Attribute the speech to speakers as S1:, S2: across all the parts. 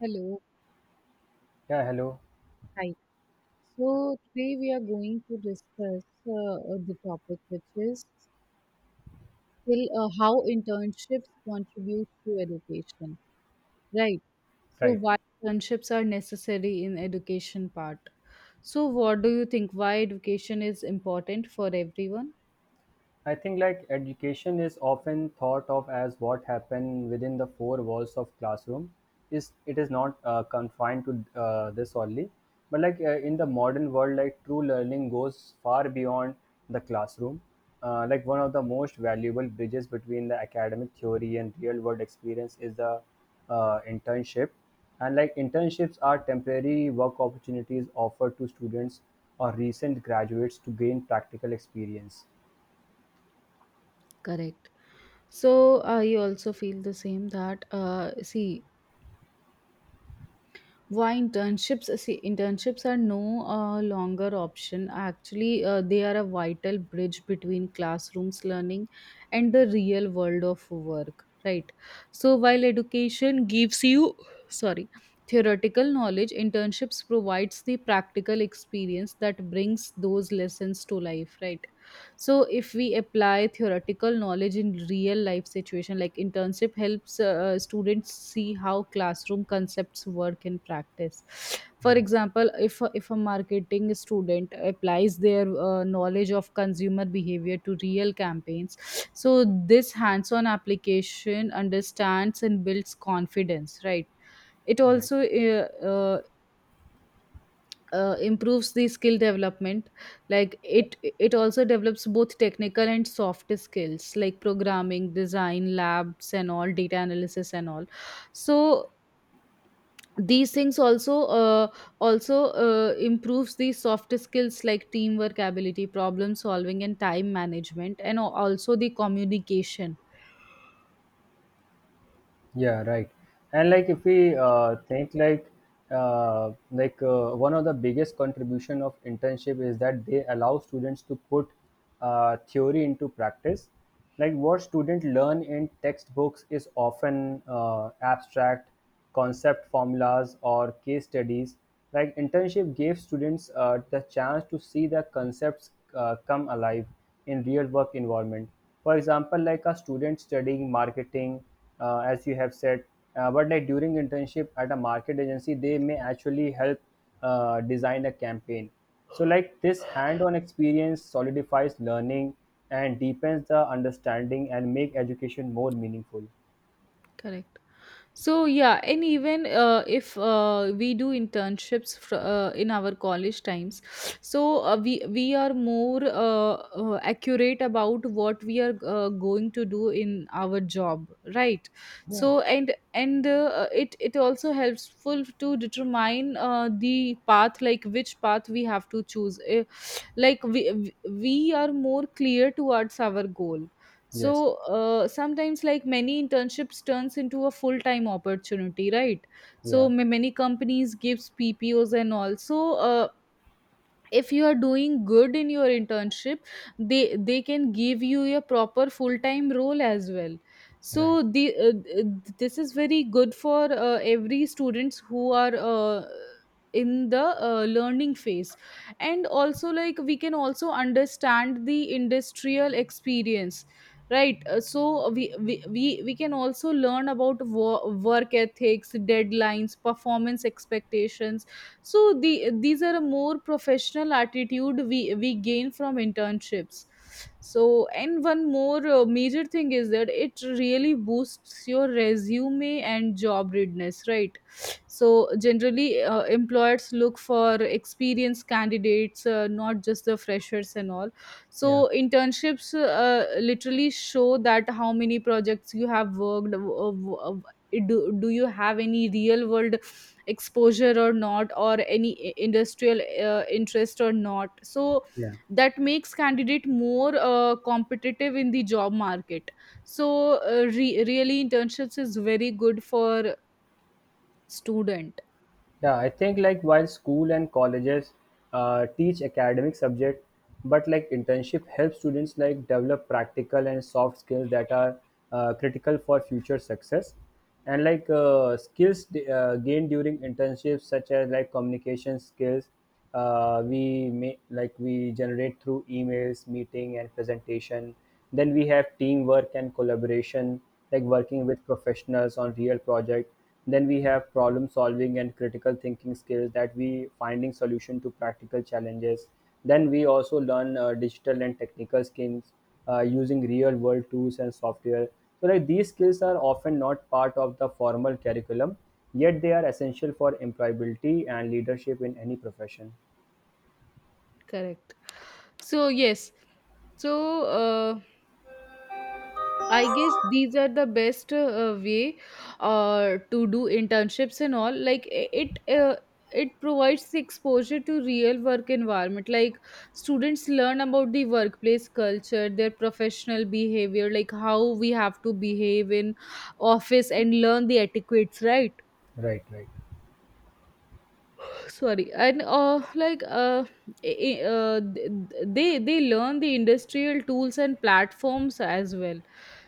S1: Hello,
S2: Yeah, hello.
S1: hi. So today we are going to discuss the topic, which is skill, how internships contribute to education, right? So
S2: Right.
S1: why internships are necessary in education part. So what do you think? Why education is important for everyone?
S2: I think like education is often thought of as what happened within the four walls of classroom. Is it is not confined to this only, but like in the modern world, like true learning goes far beyond the classroom. Like one of the most valuable bridges between the academic theory and real world experience is the internship. And like internships are temporary work opportunities offered to students or recent graduates to gain practical experience.
S1: Correct. So I also feel the same that see, why internships, see, internships are no longer option, actually they are a vital bridge between classrooms learning and the real world of work, right? So while education gives you, sorry, theoretical knowledge, internships provides the practical experience that brings those lessons to life, right? So if we apply theoretical knowledge in real life situation, like internship helps students see how classroom concepts work in practice. For
S2: Yes.
S1: example, if a marketing student applies their knowledge of consumer behavior to real campaigns. So this hands on application understands and builds confidence, right? It
S2: Right.
S1: also improves the skill development. Like it it also develops both technical and soft skills like programming, design labs and all, data analysis and all. So these things also improves the soft skills like teamwork ability, problem solving and time management, and also the communication.
S2: Yeah, right. And like if we think like one of the biggest contribution of internship is that they allow students to put theory into practice. Like what students learn in textbooks is often abstract concept formulas, or case studies. Like internship gave students the chance to see the concepts come alive in real work environment. For example, like a student studying marketing, as you have said, but like during internship at a market agency, they may actually help design a campaign. So, like this hand-on experience solidifies learning and deepens the understanding and make education more meaningful.
S1: Correct. So yeah, and even if we do internships in our college times, so we are more accurate about what we are going to do in our job, right?
S2: Yeah.
S1: So, and it also helpful to determine the path, like which path we have to choose. We are more clear towards our goal.
S2: Yes.
S1: So sometimes like many internships turns into a full time opportunity, right?
S2: Yeah.
S1: So many companies gives ppos, and also if you are doing good in your internship, they can give you a proper full time role as well. So
S2: Right.
S1: the this is very good for every students who are in the learning phase. And also like we can also understand the industrial experience, right? So we can also learn about work ethics, deadlines, performance expectations. So these are a more professional attitude we gain from internships. So, and one more major thing is that it really boosts your resume and job readiness, right? So generally employers look for experienced candidates, not just the freshers and all. So
S2: Yeah.
S1: internships literally show that how many projects you have worked do you have any real world exposure or not, or any industrial interest or not. So
S2: Yeah.
S1: that makes candidate more competitive in the job market. So really internships is very good for student.
S2: Yeah, I think like while school and colleges teach academic subject, but like internship helps students like develop practical and soft skills that are critical for future success. And like skills gained during internships, such as like communication skills, we may like we generate through emails, meeting, and presentation. Then we have teamwork and collaboration, like working with professionals on real project. Then we have problem-solving and critical thinking skills that we finding solution to practical challenges. Then we also learn digital and technical skills using real-world tools and software. So like these skills are often not part of the formal curriculum, yet they are essential for employability and leadership in any profession.
S1: Correct. So yes. So uh, I guess these are the best way to do internships and all. Like it provides the exposure to real work environment. Like students learn about the workplace culture, their professional behavior, like how we have to behave in office and learn the etiquettes, right?
S2: Right, right.
S1: Sorry, and like I- th- th- they learn the industrial tools and platforms as well.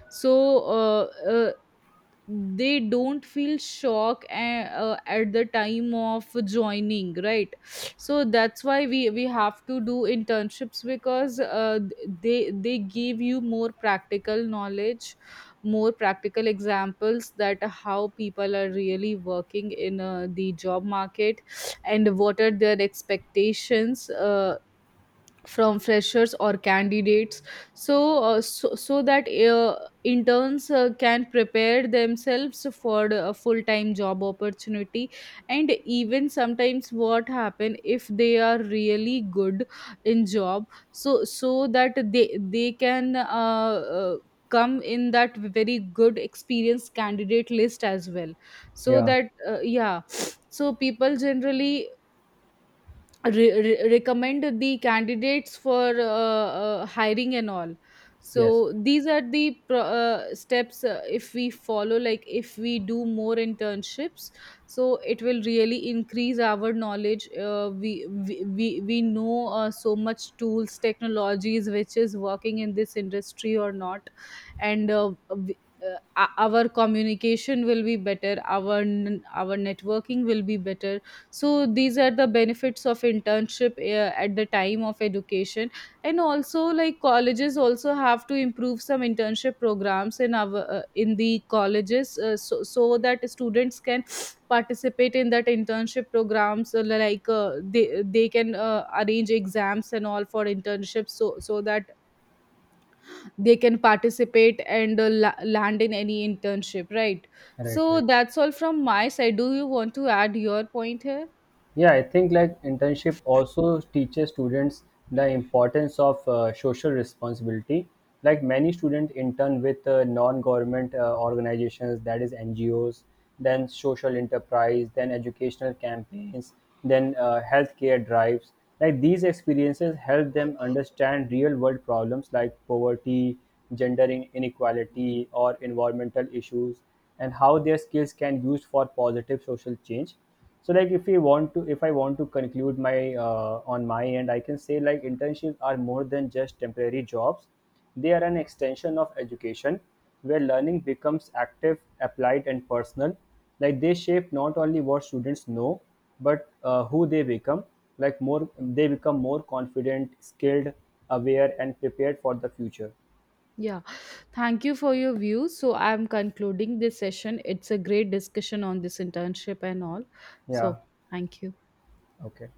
S1: So uh, uh, they don't feel shock at the time of joining, right? So that's why we have to do internships, because they give you more practical knowledge, more practical examples, that how people are really working in the job market, and what are their expectations from freshers or candidates. So so that interns can prepare themselves for a full time job opportunity. And even sometimes what happen, if they are really good in job, so so that they can come in that very good experienced candidate list as well. So
S2: Yeah.
S1: that yeah. So people generally recommend the candidates for hiring and all.
S2: Yes.
S1: So these are the steps, if we follow, like if we do more internships, so it will really increase our knowledge. We know so much tools, technologies which is working in this industry or not. And our communication will be better, our our networking will be better. So these are the benefits of internship at the time of education. And also like colleges also have to improve some internship programs in our in the colleges, so that students can participate in that internship programs. Like they can arrange exams and all for internships, so so that they can participate and land in any internship, right?
S2: Right,
S1: So
S2: right.
S1: that's all from my side. Do you want to add your point here?
S2: Yeah, I think like internship also teaches students the importance of social responsibility. Like many students intern with non-government organizations, that is NGOs, then social enterprise, then educational campaigns, then healthcare drives. Like these experiences help them understand real-world problems like poverty, gender inequality, or environmental issues, and how their skills can be used for positive social change. So like if we want to, if I want to conclude my on my end, I can say like internships are more than just temporary jobs. They are an extension of education, where learning becomes active, applied and personal. Like they shape not only what students know, but who they become. Like more, they become more confident, skilled, aware and prepared for the future.
S1: Yeah, thank you for your views. So I'm concluding this session. It's a great discussion on this internship and all.
S2: Yeah.
S1: So thank you.
S2: Okay.